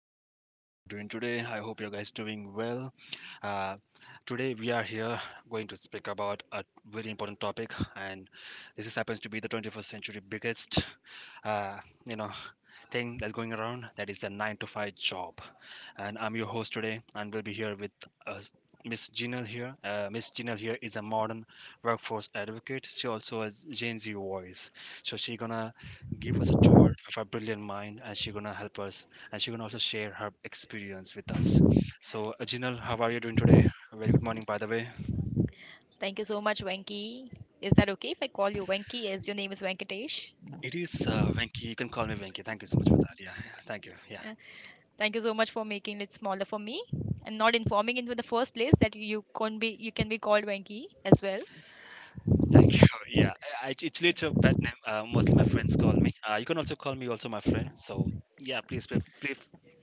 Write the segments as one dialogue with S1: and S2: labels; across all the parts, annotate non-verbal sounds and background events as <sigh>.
S1: everyone. How are you doing today? I hope you guys doing well. Uh, today we are here going to speak about a very important topic, and this is, happens to be the 21st century biggest, uh, you know, thing that's going around. That is the nine to five job, and I'm your host today, and we'll be here with uh, Miss Jinal here. Miss Jinal here is a modern workforce advocate. She also has Gen Z voice, so she's gonna give us a tour of her brilliant mind and she's gonna help us and she's gonna also share her experience with us. So Jinal, how are you doing today? A very good morning, by the way.
S2: Thank you so much, Venki. Is that okay if I call you Venki, as your name is Venkatesh?
S1: It is, Venki. You can call me Venki. Thank you so much for that. Yeah, thank you, yeah.
S2: Yeah. Thank you so much for making it smaller for me and not informing in the first place that you can be called Venki as well.
S1: Thank you. <laughs> Actually it's a pet name. Mostly my friends call me, you can also call me, also my friend, so yeah, please feel, feel,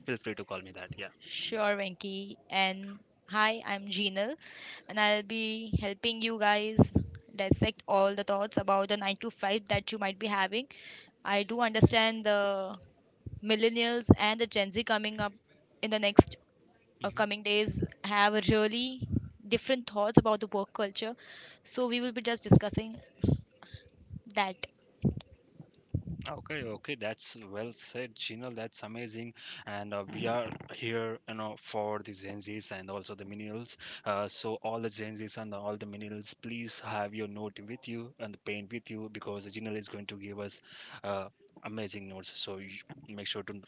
S1: feel free to call me that, yeah.
S2: Sure, Venki. And hi, I'm Jinal, and I'll be helping you guys dissect all the thoughts about the 9 to 5 that you might be having. I do understand the millennials and the Gen Z coming up in the next coming days have a really different thoughts about the work culture. So we
S1: hmm
S2: will be just discussing that.
S1: Okay, okay, that's well said, Gino. That's amazing. And we are here, you know, for the Gen Zs and also the millennials. So all the Gen Zs and all the millennials, please have your note with you and the pen with you because Gino is going to give us uh, amazing notes. So you make sure to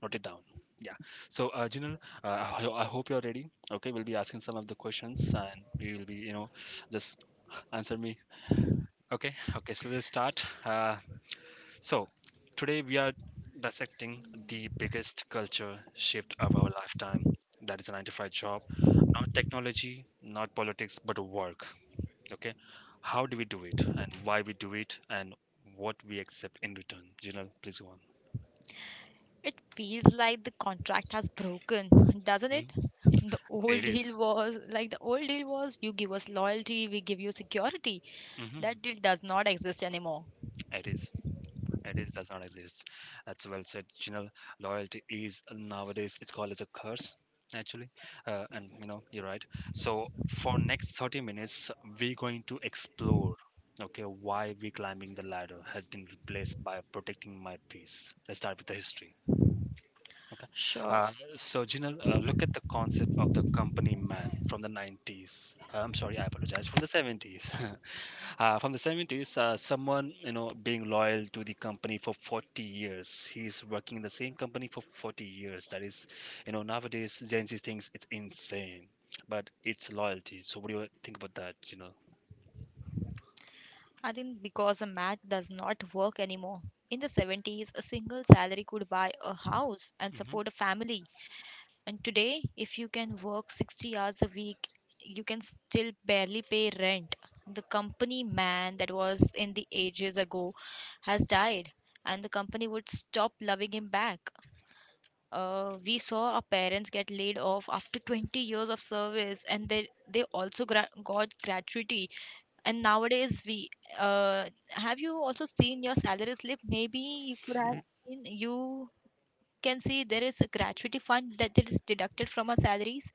S1: note it down. Yeah. So, Jinal, I hope you're ready. Okay, we'll be asking some of the questions, and we will be, you know, just answer me. Okay. Okay. So we'll start. So, today we are dissecting the biggest culture shift of our lifetime, that is a 9 to 5 job. Not technology, not politics, but work. Okay. How do we do it and why we do it and what we accept in return? Jinal, please go on.
S2: It feels like the contract has broken, doesn't it?
S1: Mhm.
S2: The old
S1: It
S2: deal
S1: is.
S2: was like the old deal was you give us loyalty, we give you security.
S1: Mhm.
S2: That deal does not exist anymore.
S1: It is. It is does not exist. That's well said, Chinal. Loyalty is nowadays it's called as a curse, actually. And you know you're right. So for next 30 minutes, we're going to explore, okay, why we climbing the ladder has been replaced by protecting my peace. Let's start with the history. Okay. Uh,
S2: Sure.
S1: Jinal, look at the concept of the company man from the 90s. I'm sorry, I apologize, from the 70s. <laughs> From the 70s, someone you know being loyal to the company for 40 years. He's working in the same company for 40 years. That is, you know, nowadays Gen Z thinks it's insane, but it's loyalty. So what do you think about that?
S2: I think because the math does not work anymore. In the 70s, a single salary could buy a house and support a family. And today, if you can work 60 hours a week, you can still barely pay rent. The company man that was in the ages ago has died, and the company would stop loving him back. We saw our parents get laid off after 20 years of service, and they also got gratuity. And nowadays, we have you also seen your salary slip? Maybe you could have
S1: Hmm
S2: seen you can see there is a gratuity fund that is deducted from our salaries.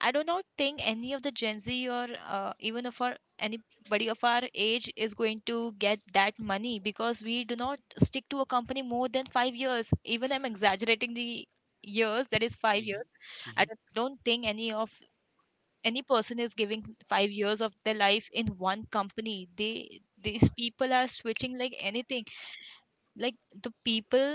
S2: I do not think any of the Gen Z, or even of our anybody of our age, is going to get that money because we do not stick to a company more than 5 years. Even I'm exaggerating the years, that is 5 years. I
S1: hmm
S2: don't don't think any of any person is giving 5 years of their life in one company. They These people are switching like anything. Like the people,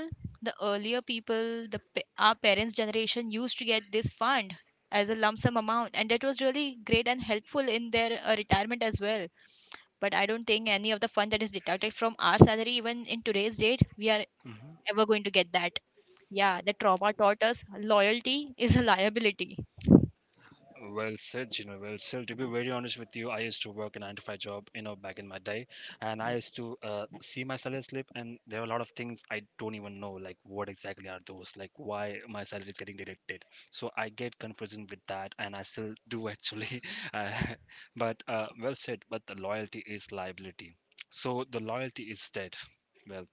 S2: the earlier people the pa- our parents generation used to get this fund as a lump sum amount, and that was really great and helpful in their retirement as well. But I don't think any of the fund that is deducted from our salary even in today's date we are
S1: hmm
S2: ever going to get that. Yeah, the trauma taught us loyalty is a liability.
S1: Well said, you know. Well said. To be very honest with you, I used to work a nine to five job, you know, back in my day, and I used to see my salary slip, and there were a lot of things I don't even know, like what exactly are those, like why my salary is getting deducted. So I get confusion with that, and I still do actually. <laughs> Uh, <laughs> but well said. But the loyalty is liability, so the loyalty is dead. Well,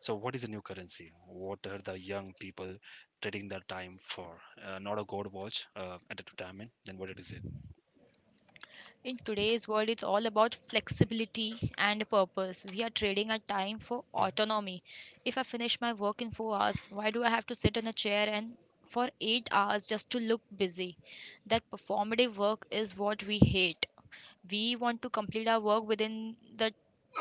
S1: so what is a new currency? What are the young people trading their time for? Not a gold watch at a retirement. Then what it is it?
S2: In today's world, it's all about flexibility and purpose. We are trading our time for autonomy. If I finish my work in 4 hours, why do I have to sit in a chair and for 8 hours just to look busy? That performative work is what we hate. We want to complete our work within the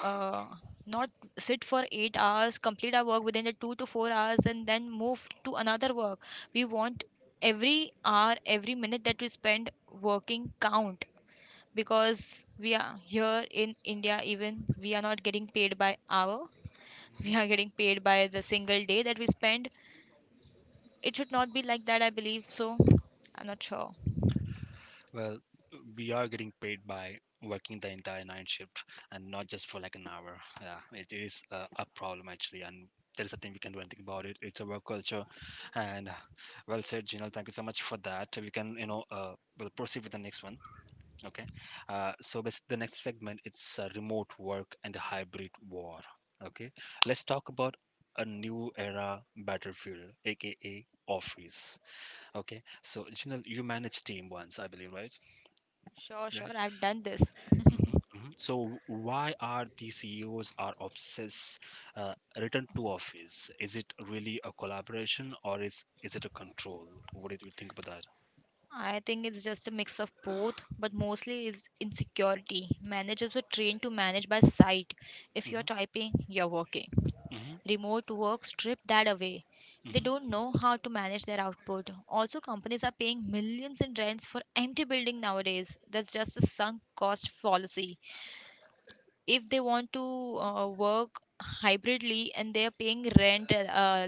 S2: uh, not sit for 8 hours, complete our work within the 2 to 4 hours, and then move to another work. We want every hour, every minute that we spend working count, because we are here in India, even we are not getting paid by hour,
S1: Mm-hmm.
S2: we are getting paid by the single day that we spend. It should not be like that, I believe. So, I'm not sure.
S1: Well, we are getting paid by working the entire night shift and not just for like an hour. Yeah, it is a problem actually, and there is nothing we can do anything about it. It's a work culture, and well said, Gino. Thank you so much for that. We can, you know, We'll proceed with the next one. Okay. So the next segment it's remote work and the hybrid war. Okay. Let's talk about a new era battlefield, aka office. Okay. So Jinal, you manage team once, I believe, right?
S2: Sure,
S1: Yeah.
S2: sure, I've done this.
S1: So why are the CEOs are obsessed return to office? Is it really a collaboration or is it a control? What did you think about that?
S2: I think it's just a mix of both, but mostly it's insecurity. Managers were trained to manage by sight. If you're
S1: hmm
S2: typing, you're working.
S1: hmm
S2: Remote work stripped that away. They don't know how to manage their output. Also, companies are paying millions in rents for empty building nowadays. That's just a sunk cost fallacy. If they want to work hybridly and they are paying rent,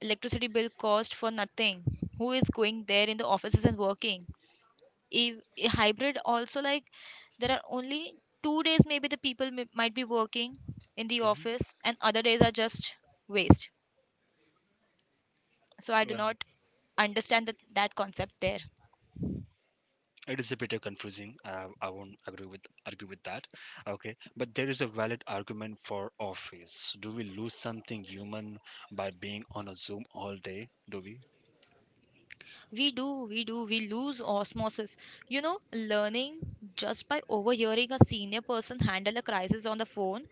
S2: electricity bill cost for nothing, who is going there in the offices and working? If a hybrid also, like there are only 2 days maybe the people may, might be working in the
S1: hmm
S2: office and other days are just waste. So I do
S1: hmm
S2: not understand that concept there.
S1: it is a bit of confusing. I won't agree with argue with that. Okay, but there is a valid argument for office. Do we lose something human by being on a Zoom all day? Do we
S2: We do we lose osmosis, you know, learning just by overhearing a senior person handle a crisis on the phone.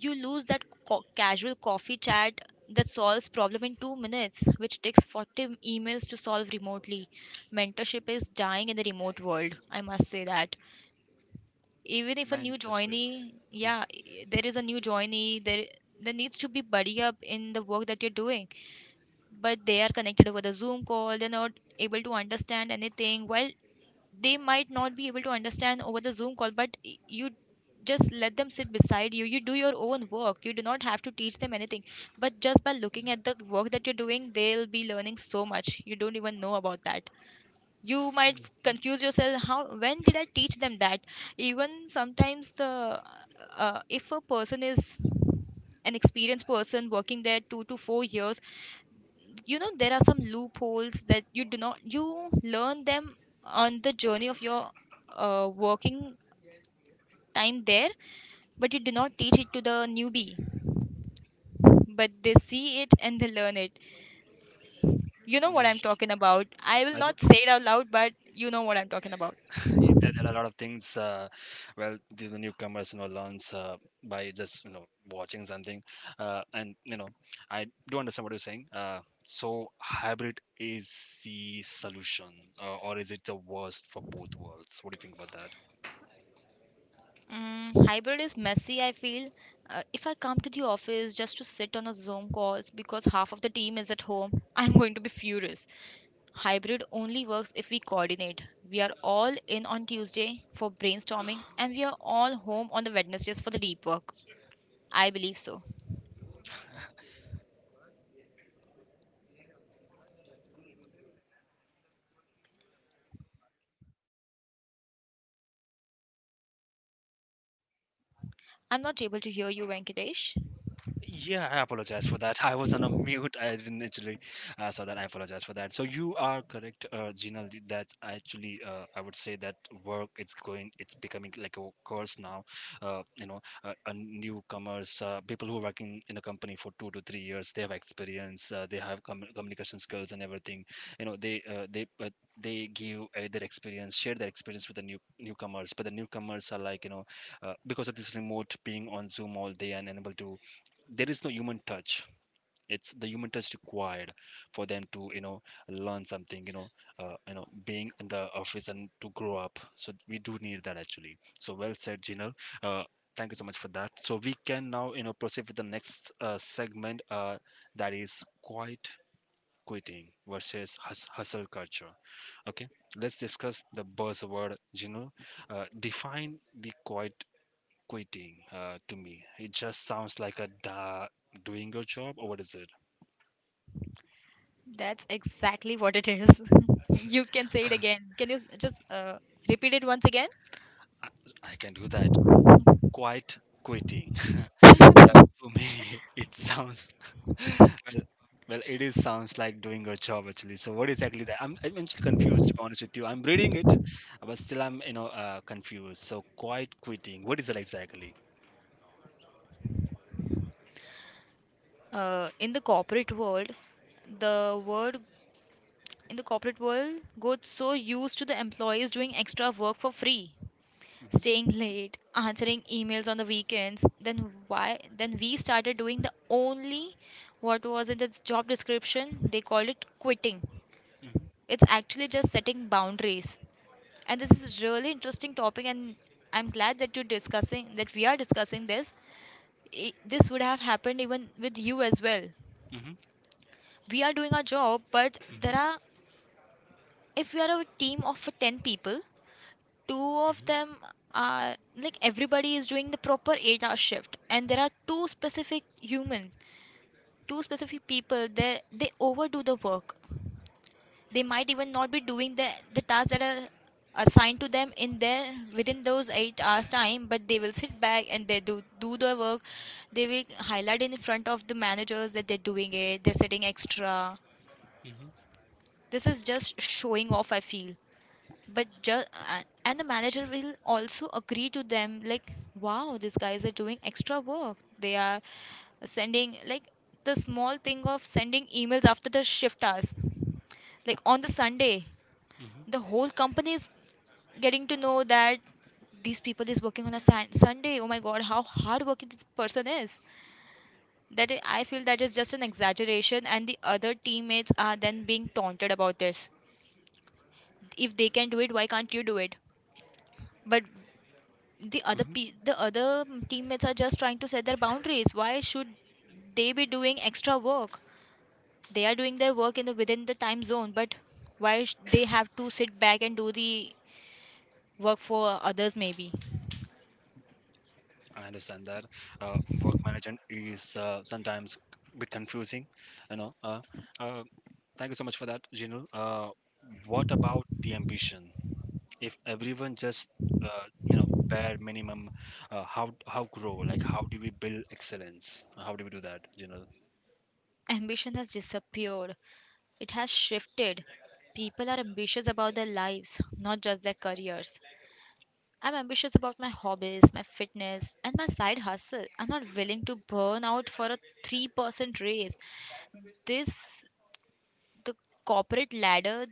S2: You lose that casual coffee chat that solves problem in 2 minutes which takes 40 emails to solve remotely. Mentorship is dying in the remote world, I must say that. Even if a new
S1: mentorship
S2: joinee, yeah, there is a new joinee there, there needs to be buddy up in the work that you're doing, but they are connected over the Zoom call. They're not able to understand anything. Well, they might not be able to understand over the Zoom call, but you just let them sit beside you. You do your own work. You do not have to teach them anything. But just by looking at the work that you're doing, they'll be learning so much. You don't even know about that. You might confuse yourself. How? When did I teach them that? Even sometimes the if a person is an experienced person working there 2 to 4 years, you know there are some loopholes that you do not you learn them on the journey of your working time there, but you do not teach it to the newbie, but they see it and they learn it. You know
S1: we,
S2: what I'm talking about. I will
S1: I do
S2: not say it out loud, but you know what I'm talking about.
S1: <laughs> there are a lot of things. Well, the newcomers, you know, learns by just, you know, watching something. And, you know, I do understand what you're saying. So hybrid is the solution, or is it the worst for both worlds? What do you think about that?
S2: Mm, hybrid is messy, I feel. If I come to the office just to sit on a Zoom calls because half of the team is at home, <laughs> I'm going to be furious. Hybrid only works if we coordinate. We are all in on Tuesday for brainstorming and we are all home on the Wednesdays for the deep work. I believe so. I'm not able to hear you, Venkatesh.
S1: Yeah, I apologize for that. I was on a mute. I didn't actually saw that. I apologize for that. So you are correct, Gina. That's actually I would say that work it's going, it's becoming like a curse now. Newcomers, people who are working in a company for 2 to 3 years, they have experience, they have communication skills and everything. You know, they give their experience, share their experience with the new newcomers. But the newcomers are like, you know, because of this remote being on Zoom all day and unable to, there is no human touch. It's the human touch required for them to, you know, learn something, you know. You know, being in the office and to grow up, so we do need that actually. So well said, Jinal. uh, Thank you so much for that. So we can now, you know, proceed with the next segment, that is quiet quitting versus hustle culture. Okay, let's discuss the buzzword, Jinal. Uh, define the quiet quitting, to me. It just sounds like a da doing your job, or what is it?
S2: That's exactly what it is. <laughs> you can say it again. Can you s- just repeat it once again?
S1: I, I can do that. Quite quitting. <laughs>
S2: <laughs>
S1: Yeah, for me, <laughs> it sounds <laughs> well, well, it is sounds like doing your job actually. So what exactly that? I'm actually confused to be honest with you. I'm reading it, but still I'm confused. So quite quitting. What is that exactly?
S2: In the corporate world, the word in the corporate world got so used to the employees doing extra work for free,
S1: Mm-hmm,
S2: staying late, answering emails on the weekends. Then why, then we started doing the only what was in the job description, they called it quitting.
S1: mm-hmm,
S2: It's actually just setting boundaries, and this is really interesting topic, and I'm glad that you're discussing that we are discussing this. This would have happened even with you as well. We are doing our job, but
S1: mm-hmm,
S2: there are, if we are a team of 10 people, two
S1: mm-hmm,
S2: of
S1: mm-hmm,
S2: them are, like everybody is doing the proper 8 hour shift and there are two specific people that they overdo the work. They might even not be doing the tasks that are assigned to them in their within those 8 hours time, but they will sit back and they do do their work. They will highlight in front of the managers that they're doing it, they're sitting extra.
S1: mm-hmm,
S2: This is just showing off, I feel. But just and the manager will also agree to them, like wow, these guys are doing extra work, they are sending like the small thing of sending emails after the shift hours, like on the sunday
S1: mm-hmm,
S2: the whole company is getting to know that these people is working on a sunday, oh my god, how hard working this person is. That I feel that is just an exaggeration, and the other teammates are then being taunted about this. If they can do it, why can't you do it? But
S1: mm-hmm.
S2: the other teammates are just trying to set their boundaries. Why should they be doing extra work? They are doing their work in the within the time zone, but why they have to sit back and do the work for others maybe.
S1: I understand that uh, work management is sometimes a bit confusing. You know. Uh, Thank you so much for that, Jinul. What about the ambition? If everyone just bare minimum, how grow? Like how do we build excellence? How do we do that, Jinul?
S2: Ambition has disappeared, it has shifted. People are ambitious about their lives, not just their careers. I'm ambitious about my hobbies, my fitness, and my side hustle. I'm not willing to burn out for a 3% raise. This the corporate ladder,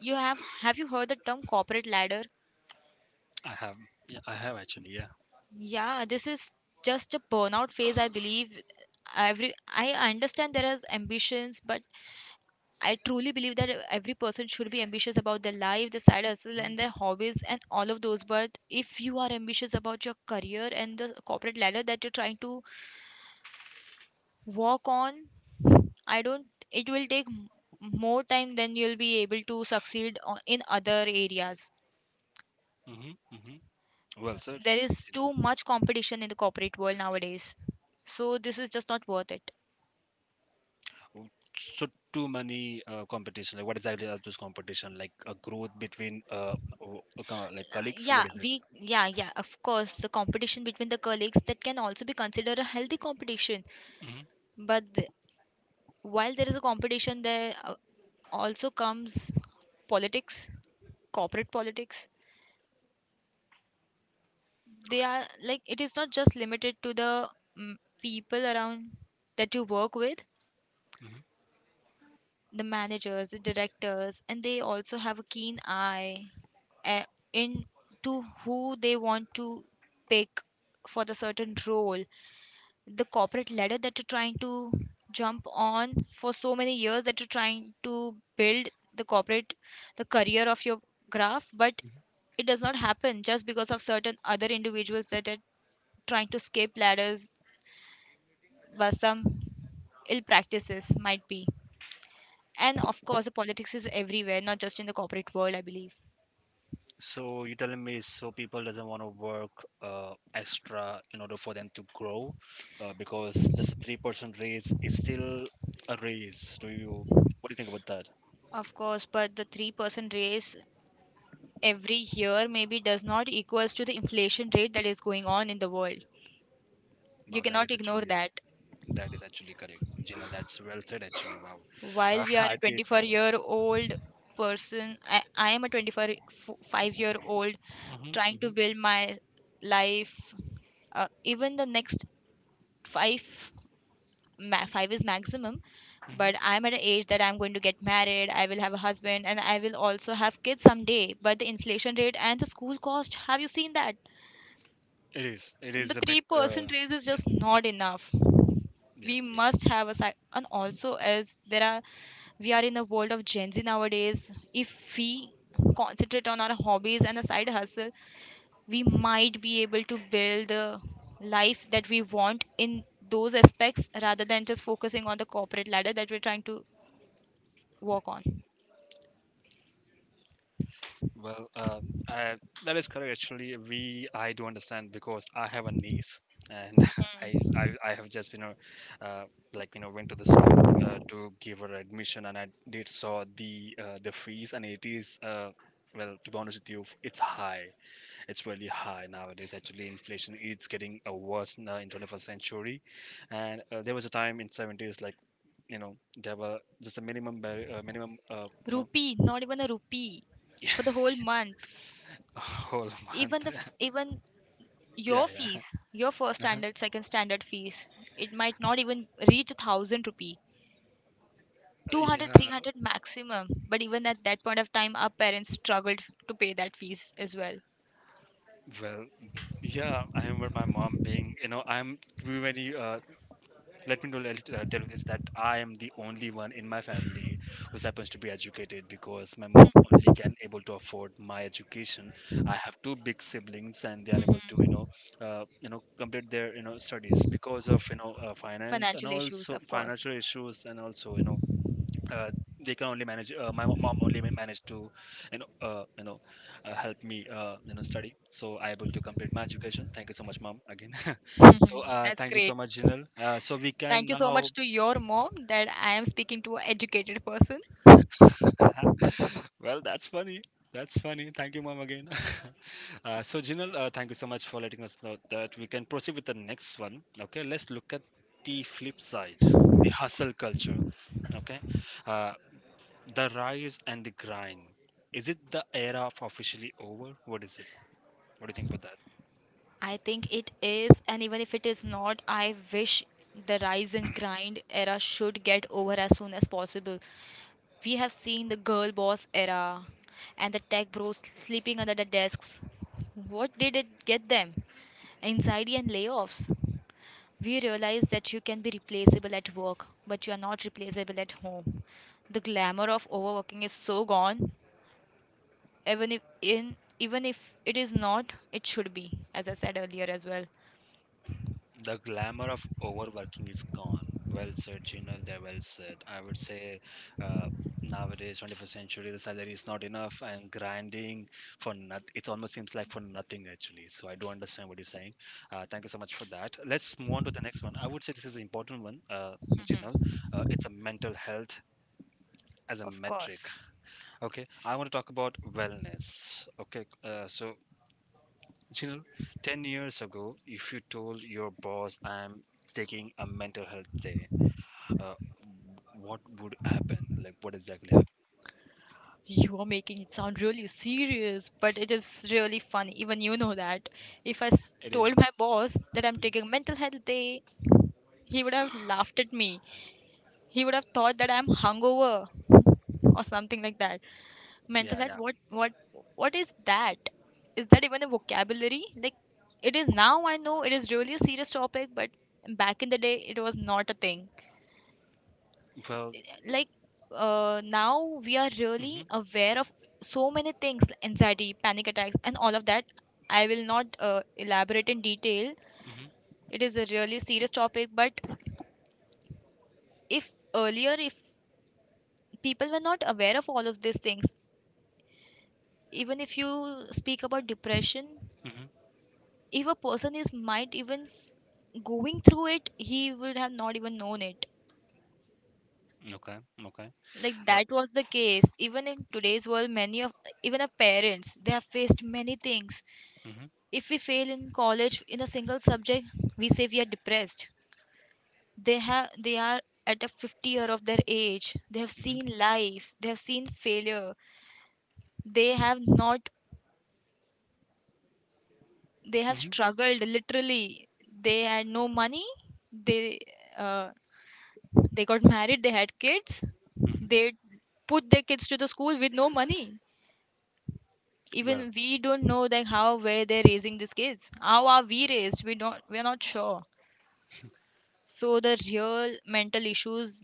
S2: you have you heard the term corporate ladder?
S1: I have, yeah, I have actually, yeah.
S2: Yeah, this is just a burnout phase, I believe. Every I understand there is ambitions, but I truly believe that every person should be ambitious about their life, their side hustle, and their hobbies, and all of those. But if you are ambitious about your career and the corporate ladder that you're trying to walk on, I don't, it will take more time than you'll be able to succeed in other areas.
S1: Mm-hmm, mm-hmm. Well, sir,
S2: There is too much competition in the corporate world nowadays, so this is just not worth it.
S1: so too many competition, like what exactly are those competition, like a growth between like
S2: Uh,
S1: colleagues, what
S2: yeah
S1: is it?
S2: we yeah, yeah, of course the competition between the colleagues that can also be considered a healthy competition,
S1: hmm
S2: but while there is a competition there also comes politics, corporate politics. They are, like it is not just limited to the mm, people around that you work with,
S1: hmm
S2: the managers, the directors, and they also have a keen eye uh, in to who they want to pick for the certain role. The corporate ladder that you're trying to jump on for so many years that you're trying to build the corporate, the career of your graph, but it does not happen just because of certain other individuals that are trying to escape ladders by some ill practices might be. And of course, the politics is everywhere, not just in the corporate world, I believe.
S1: so you telling me, so people doesn't want to work extra in order for them to grow, because just a 3% raise is still a raise. Do you, what do you think about that?
S2: Of course, but the 3% raise every year maybe does not equals to the inflation rate that is going on in the world. You
S1: Wow, that
S2: cannot
S1: is
S2: ignore
S1: actually, yeah,
S2: that.
S1: that is actually correct, Gina. That's well said actually. Wow.
S2: While we are
S1: <laughs>
S2: a
S1: I did
S2: 24
S1: forget that.
S2: year old person, I am a twenty-four five-year-old
S1: Mhm,
S2: trying to
S1: mhm,
S2: build my life. Even the next five five is maximum,
S1: mhm.
S2: but I'm at an age that I'm going to get married. I will have a husband and I will also have kids someday, but the inflation rate and the school cost, have you seen that?
S1: It is, it
S2: The
S1: is a bit uh,
S2: 3% raise is
S1: yeah,
S2: just not enough. We
S1: yeah.
S2: must have a side, and also as there are, we are in the world of Gen Z nowadays. If we concentrate on our hobbies and a side hustle, we might be able to build the life that we want in those aspects rather than just focusing on the corporate ladder that we're trying to walk on.
S1: Well, that is correct. Actually, we, I do understand because I have a niece, and <laughs> I have just been, know, uh, like, you know, went to the school to give her admission, and I did saw the fees, and it is well, to be honest with you, it's high. It's really high nowadays. Actually, inflation is getting worse now in 21st century, and there was a time in 70s like. You know, there were just a minimum, minimum, you know, <laughs>
S2: Rupee, not even a rupee for the whole month.
S1: a whole
S2: Even
S1: month.
S2: the f- even your
S1: Yeah,
S2: fees,
S1: yeah.
S2: your first
S1: <laughs>
S2: standard, second standard fees, it might not even reach 1,000 rupee. 200,
S1: Yeah,
S2: 300 maximum, but even at that point of time our parents struggled to pay that fees as well.
S1: well, yeah, I remember my mom being, you know, I'm to very, let me know, let, tell you this that I am the only one in my family who happens to be educated because my mom only can able to afford my education. I have two big siblings and they are able to, you know, complete their, you know, studies because of, you know, finance and
S2: Financial issues,
S1: also
S2: of course.
S1: financial issues and also, you know, uh, they can only manage. My mom only managed to, you know, help me, study, so I able to complete my education. Thank you so much, mom, again. <laughs>
S2: <laughs> Mhm.
S1: So
S2: That's
S1: thank you so
S2: great.
S1: much, Jinal. So we can
S2: Thank you so
S1: now.
S2: much to your mom that I am speaking to an educated person.
S1: <laughs> Well, that's funny. That's funny, thank you mom again. <laughs> So Jinal, thank you so much for letting us know that we can proceed with the next one. Okay, let's look at the flip side, the hustle culture. Okay. uh, The rise and the grind. Is it the era of officially over? What is it? What do you think about that?
S2: I think it is, and even if it is not, I wish the rise and grind era should get over as soon as possible. We have seen the girl boss era and the tech bros sleeping under the desks. What did it get them? Anxiety and layoffs. We realize that you can be replaceable at work, but you are not replaceable at home. The glamour of overworking is so gone. Even if, it is not, it should be, as I said earlier as well.
S1: The glamour of overworking is gone. Well said, Gino. They well said. I would say uh, nowadays, 21st century, the salary is not enough and grinding for nothing. It almost seems like for nothing, actually. So I do understand what you're saying. Thank you so much for that. Let's move on to the next one. I would say this is an important one, Gino. It's a mental health as a
S2: Of
S1: metric.
S2: course.
S1: Okay, I want to talk about wellness. Okay, you know, 10 years ago, if you told your boss, I'm taking a mental health day, uh, what would happen? Like, what exactly happened?
S2: You are making it sound really serious, but it is really funny. Even you know that if i s-
S1: It
S2: told
S1: is-
S2: my boss that I'm
S1: Mhm.
S2: taking mental health day, he would have laughed at me. He would have thought that I'm hungover or something like that. Mental
S1: Yeah,
S2: health,
S1: yeah.
S2: what is that? Is that even a vocabulary? Like, it is now. I know it is really a serious topic, but back in the day it was not a thing.
S1: Well,
S2: Like, now we are
S1: mm-hmm,
S2: really aware of so many things, anxiety, panic attacks and all of that. I will not elaborate in detail.
S1: mm-hmm,
S2: It is a really serious topic, but if earlier if people were not aware of all of these things. Even if you speak about depression,
S1: mm-hmm.
S2: if a person is might even going through it, he would have not even known it.
S1: Okay, okay.
S2: Like,
S1: Uh,
S2: that was the case. Even in today's world, many of, even of parents, they have faced many things.
S1: mm-hmm,
S2: If we fail in college in a single subject, we say we are depressed. They are at a 50 year of their age. They have
S1: mm-hmm,
S2: seen life, they have seen failure. They have not, they have
S1: mm-hmm,
S2: struggled literally. They had no money. They uh, they got married, they had kids.
S1: hmm
S2: They put their kids to the school with no money.
S1: Well,
S2: Even we don't know like how, where they're raising these kids, how are we raised, we're not sure. So the real mental issues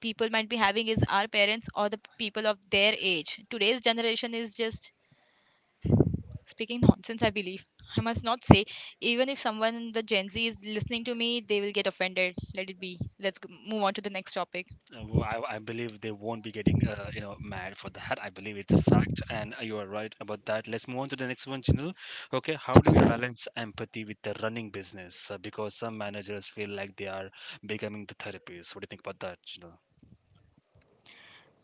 S2: people might be having is our parents or the people of their age. Today's generation is just speaking nonsense, I believe. I must not say. Even if someone in the Gen Z is listening to me, they will get offended. Let it be. Let's move on to the next topic.
S1: Well, I believe they won't be getting you know mad for that. I believe it's a fact, and you are right about that. Let's move on to the next one, Chinul. Okay, how do we balance empathy with the running business? Because some managers feel like they are becoming the therapists. What do you think about that, Chinul?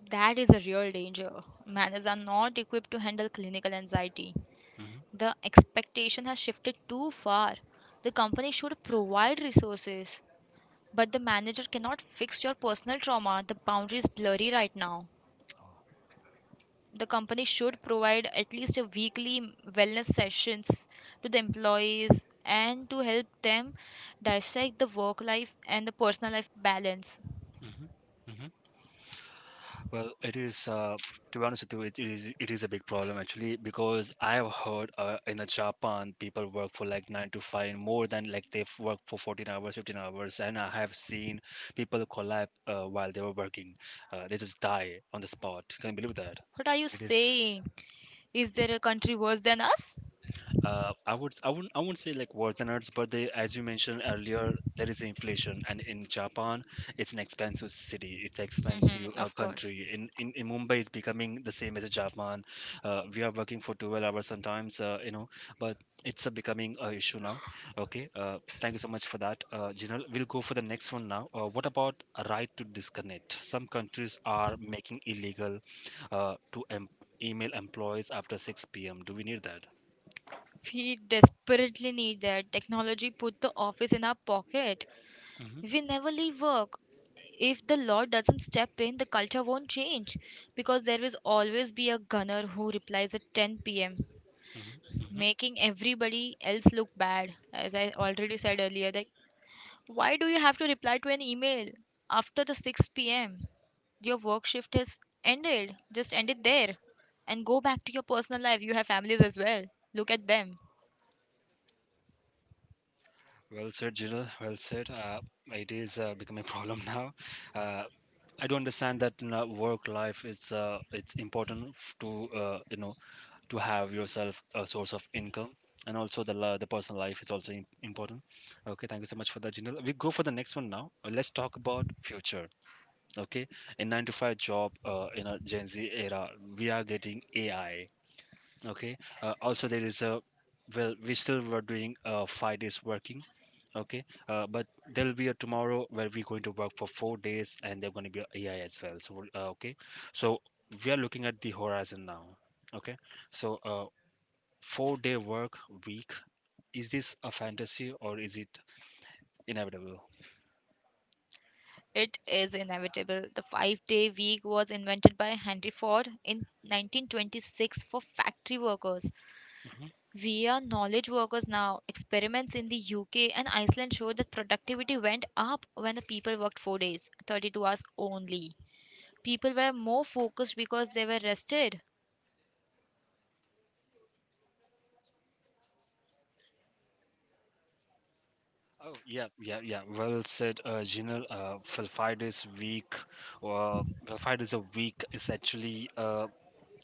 S2: That is a real danger. Manners are not equipped to handle clinical anxiety.
S1: Mm-hmm.
S2: The expectation has shifted too far. The company should provide resources, but the manager cannot fix your personal trauma. The boundary is blurry right now.
S1: Oh.
S2: The company should provide at least a weekly wellness sessions to the employees and to help them dissect the work life and the personal life balance.
S1: Mm-hmm. Mm-hmm. Well, it is, to be honest with you, it is a big problem actually because I have heard in the Japan people work for like nine to five and more than like they've worked for 14 hours, 15 hours, and I have seen people collapse while they were working. They just die on the spot. Can you believe that?
S2: What are you
S1: It is.
S2: saying? Is there a country worse than us?
S1: I would I wouldn't say like worseners, but they as you mentioned earlier, there is inflation, and in Japan, it's an expensive city, it's expensive
S2: Mhm, of course.
S1: country. In in Mumbai, it's becoming the same as Japan. We are working for 12 hours sometimes, but it's a becoming a issue now. Okay, thank you so much for that, Jinal. We'll go for the next one now. What about a right to disconnect? Some countries are making illegal to em email employees after 6 p.m. Do we need that?
S2: We desperately need that. Technology put the office in our pocket. We never leave work. If the law doesn't step in, the culture won't change, because there will always be a gunner who replies at 10 p.m.,
S1: Mhm, mhm.
S2: making everybody else look bad. As I already said earlier, like, why do you have to reply to an email after the 6 p.m.? Your work shift has ended. Just end it there and go back to your personal life. You have families as well, look at them.
S1: Well said, Jill. Well said. It is becoming a problem <laughs> now. Uh, I do understand that in, work life it's important f- to to have yourself a source of income, and also the la- the personal life is also im- important. Okay, thank you so much for that, Jill. We go for the next one now. Let's talk about future. Okay, in nine to five job in a Gen Z era, we are getting AI. Okay, also there is a well, we still were doing 5 days working. Okay, but there'll be a tomorrow where we're going to work for 4 days, and there's going to be a AI as well. So, we'll- okay, so we are looking at the horizon now. Okay, so four-day work week, is this a fantasy or is it inevitable?
S2: It is inevitable. The 5-day week was invented by Henry Ford in 1926 for factory workers.
S1: Hmm.
S2: We are knowledge workers now. Experiments in the UK and Iceland show that productivity went up when the people worked 4 days, 32 hours only. People were more focused because they were rested.
S1: Oh yeah, yeah, yeah. Well said, Jinal. For 5 days week, well, 5 days a week is actually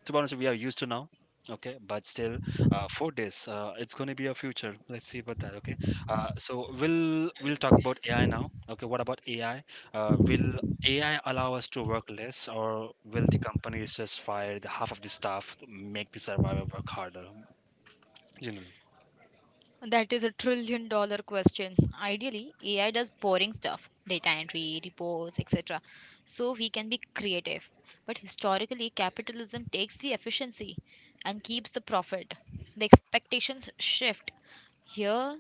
S1: to be honest, we are used to now. Okay, but still, 4 days. It's going to be a future. Let's see about that. Okay. So we'll talk about AI now. Okay, what about AI? Will AI allow us to work less, or will the companies just fire the half of the staff, to make the survivor work harder? Jinal,
S2: That is a trillion dollar question. Ideally, AI does boring stuff, data entry, reports, etc. So we can be creative. But historically, capitalism takes the efficiency and keeps the profit. The expectations shift. Here,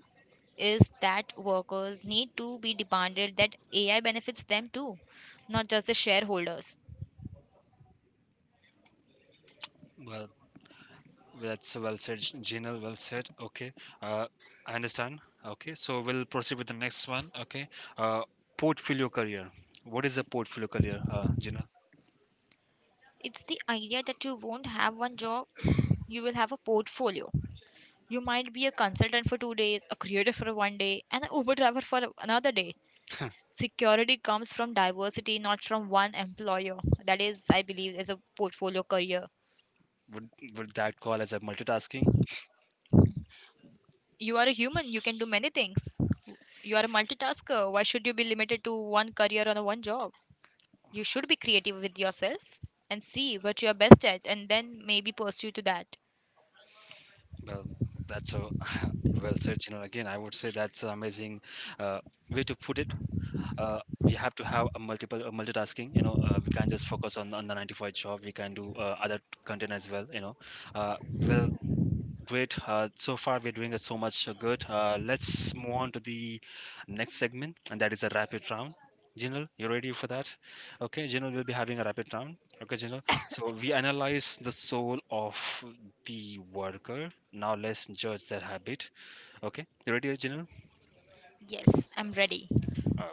S2: is that workers need to be demanded that AI benefits them too, not just the shareholders.
S1: well, that's well said. Jinal, well said. Okay. Uh, I understand. Okay, so we'll proceed with the next one. Okay. Uh, portfolio career. What is a portfolio career, Jinal?
S2: It's the idea that you won't have one job, you will have a portfolio. You might be a consultant for 2 days, a creator for one day, and an Uber driver for another day. Security comes from diversity, not from one employer. That is, I believe, is a portfolio career.
S1: Would that call as a multitasking?
S2: You are a human, you can do many things. You are a multitasker. Why should you be limited to one career or one job? You should be creative with yourself and see what you're best at and then maybe pursue to that.
S1: Well, that's a <laughs> well said, Jinal. Again, I would say that's an amazing uh, way to put it. We have to have a multitasking. You know, we can't just focus on the 95 job. We can do other content as well. You know, uh, well great. So far, we're doing it so much good. Let's move on to the next segment, and that is a rapid round. Jinal, you ready for that? Okay, Jinal will be having a rapid round. Okay, Jinal. So we analyze the soul of the worker. Now let's judge their habit. Okay, you ready, Jinal?
S2: Yes, I'm ready.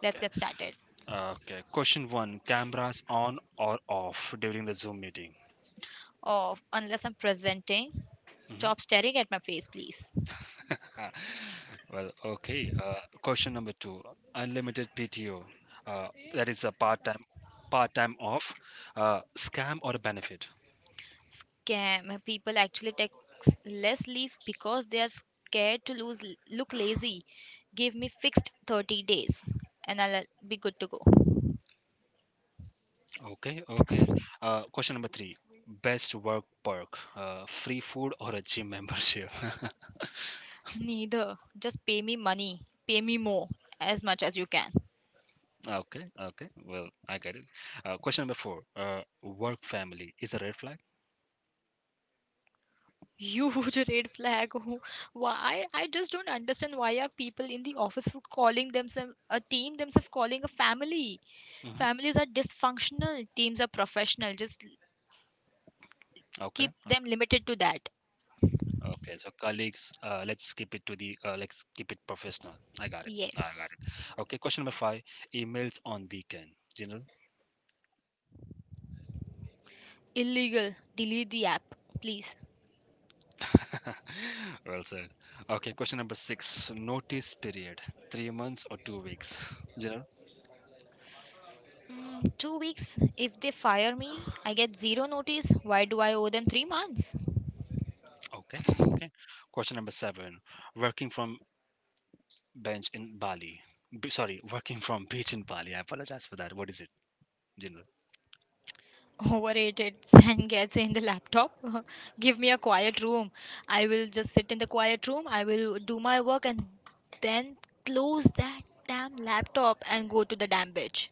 S2: Let's get started.
S1: Okay. Question one: cameras on or off during the Zoom meeting?
S2: Oh, unless I'm presenting,
S1: Mhm.
S2: stop staring at my face, please.
S1: Well, okay. Question number two: unlimited PTO. Uh, that is a part-time, part-time off, scam or a benefit.
S2: Scam. People actually take less leave because they are scared to lose look lazy. Give me fixed 30 days and I'll be good to go.
S1: Okay, okay. Question number three: best work perk, free food or a gym membership. <laughs>
S2: Neither. Just pay me money. Pay me more as much as you can.
S1: Okay, okay. Well, I get it. Question number four: work family is a red flag.
S2: Huge <laughs> red flag. Why? I just don't understand why are people in the office calling themselves a team, themselves calling a family.
S1: Hmm.
S2: Families are dysfunctional, teams are professional. Just
S1: Okay,
S2: keep them
S1: okay.
S2: limited to that.
S1: Okay, so colleagues, let's keep it to the let's keep it professional. I got it. I got
S2: Yes.
S1: it. Okay, question number five: emails on weekend. You know,
S2: Illegal. Delete the app, please.
S1: <laughs> well said. Okay, question number six: notice period, 3 months or 2 weeks. <laughs> You know,
S2: Mm, 2 weeks. If they fire me, I get zero notice. Why do I owe them 3 months?
S1: okay, okay. Question number seven: working from bench in Bali. B- sorry, working from <laughs> beach in Bali. I apologize for that. What is it? You know,
S2: Overrated <laughs> and gets in the laptop. <laughs> Give me a quiet room. I will just sit in the quiet room, I will do my work and then close that damn laptop and go to the damn beach.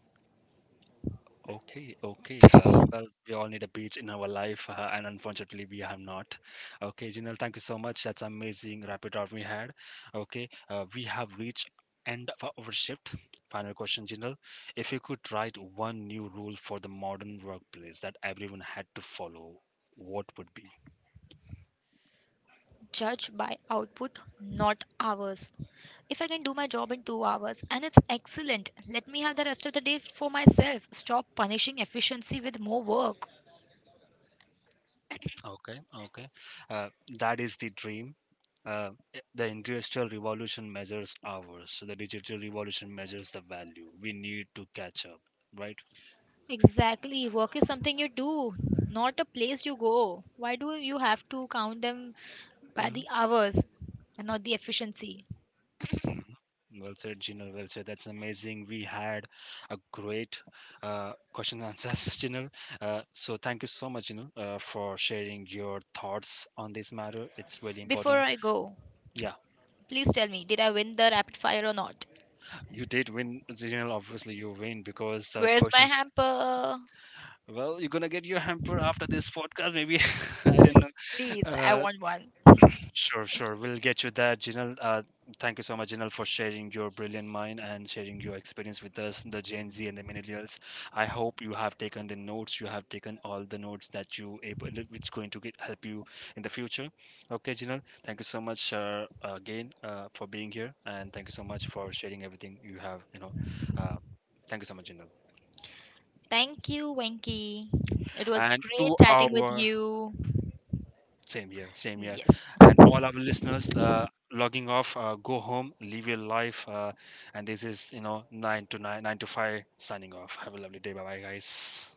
S1: okay, okay. Well, we all need a beach in our life, and unfortunately, we have not. Okay, Jinal, thank you so much. That's amazing rapid round we had. Okay, we have reached end of our shift. Final question, Jinal. If you could write one new rule for the modern workplace that everyone had to follow, what would be?
S2: Judge by output, not hours. If I can do my job in 2 hours and it's excellent, let me have the rest of the day for myself. Stop punishing efficiency with more work.
S1: Okay, okay. Uh, that is the dream. Uh, I- the industrial revolution measures hours, so the digital revolution measures the value. We need to catch up right.
S2: Exactly. Work is something you do, not a place you go. Why do you have to count them by
S1: Hmm.
S2: the hours and not the efficiency?
S1: Hmm. Well said, Jinal. Well said. That's amazing. We had a great question and answers, <laughs> Jinal. So thank you so much, Jinal, for sharing your thoughts on this matter. It's really
S2: Before
S1: important.
S2: I go,
S1: Yeah,
S2: please tell me, did I win the rapid fire or not?
S1: you did win, Jinal. Obviously, you win because the
S2: Where's my
S1: questions.
S2: hamper?
S1: Well, you're gonna get your hamper after this podcast, maybe. <laughs> I don't know.
S2: Please, I
S1: Uh,
S2: want one. <laughs>
S1: Sure, sure. We'll get you that, Jinal. Thank you so much, Jinal, for sharing your brilliant mind and sharing your experience with us, the Gen Z and the millennials. I hope you have taken the notes. You have taken all the notes that you able, which going to get, help you in the future. Okay, Jinal. Thank you so much again for being here, and thank you so much for sharing everything you have. You know, uh, thank you so much, Jinal.
S2: Thank you, Wenky. It was
S1: And
S2: great
S1: to
S2: chatting with
S1: our
S2: you.
S1: same year, same year.
S2: Yes.
S1: And all our listeners logging off, go home, live your life. And this is, you know, 9 to 9, 9 to 5 signing off. Have a lovely day. Bye bye, guys.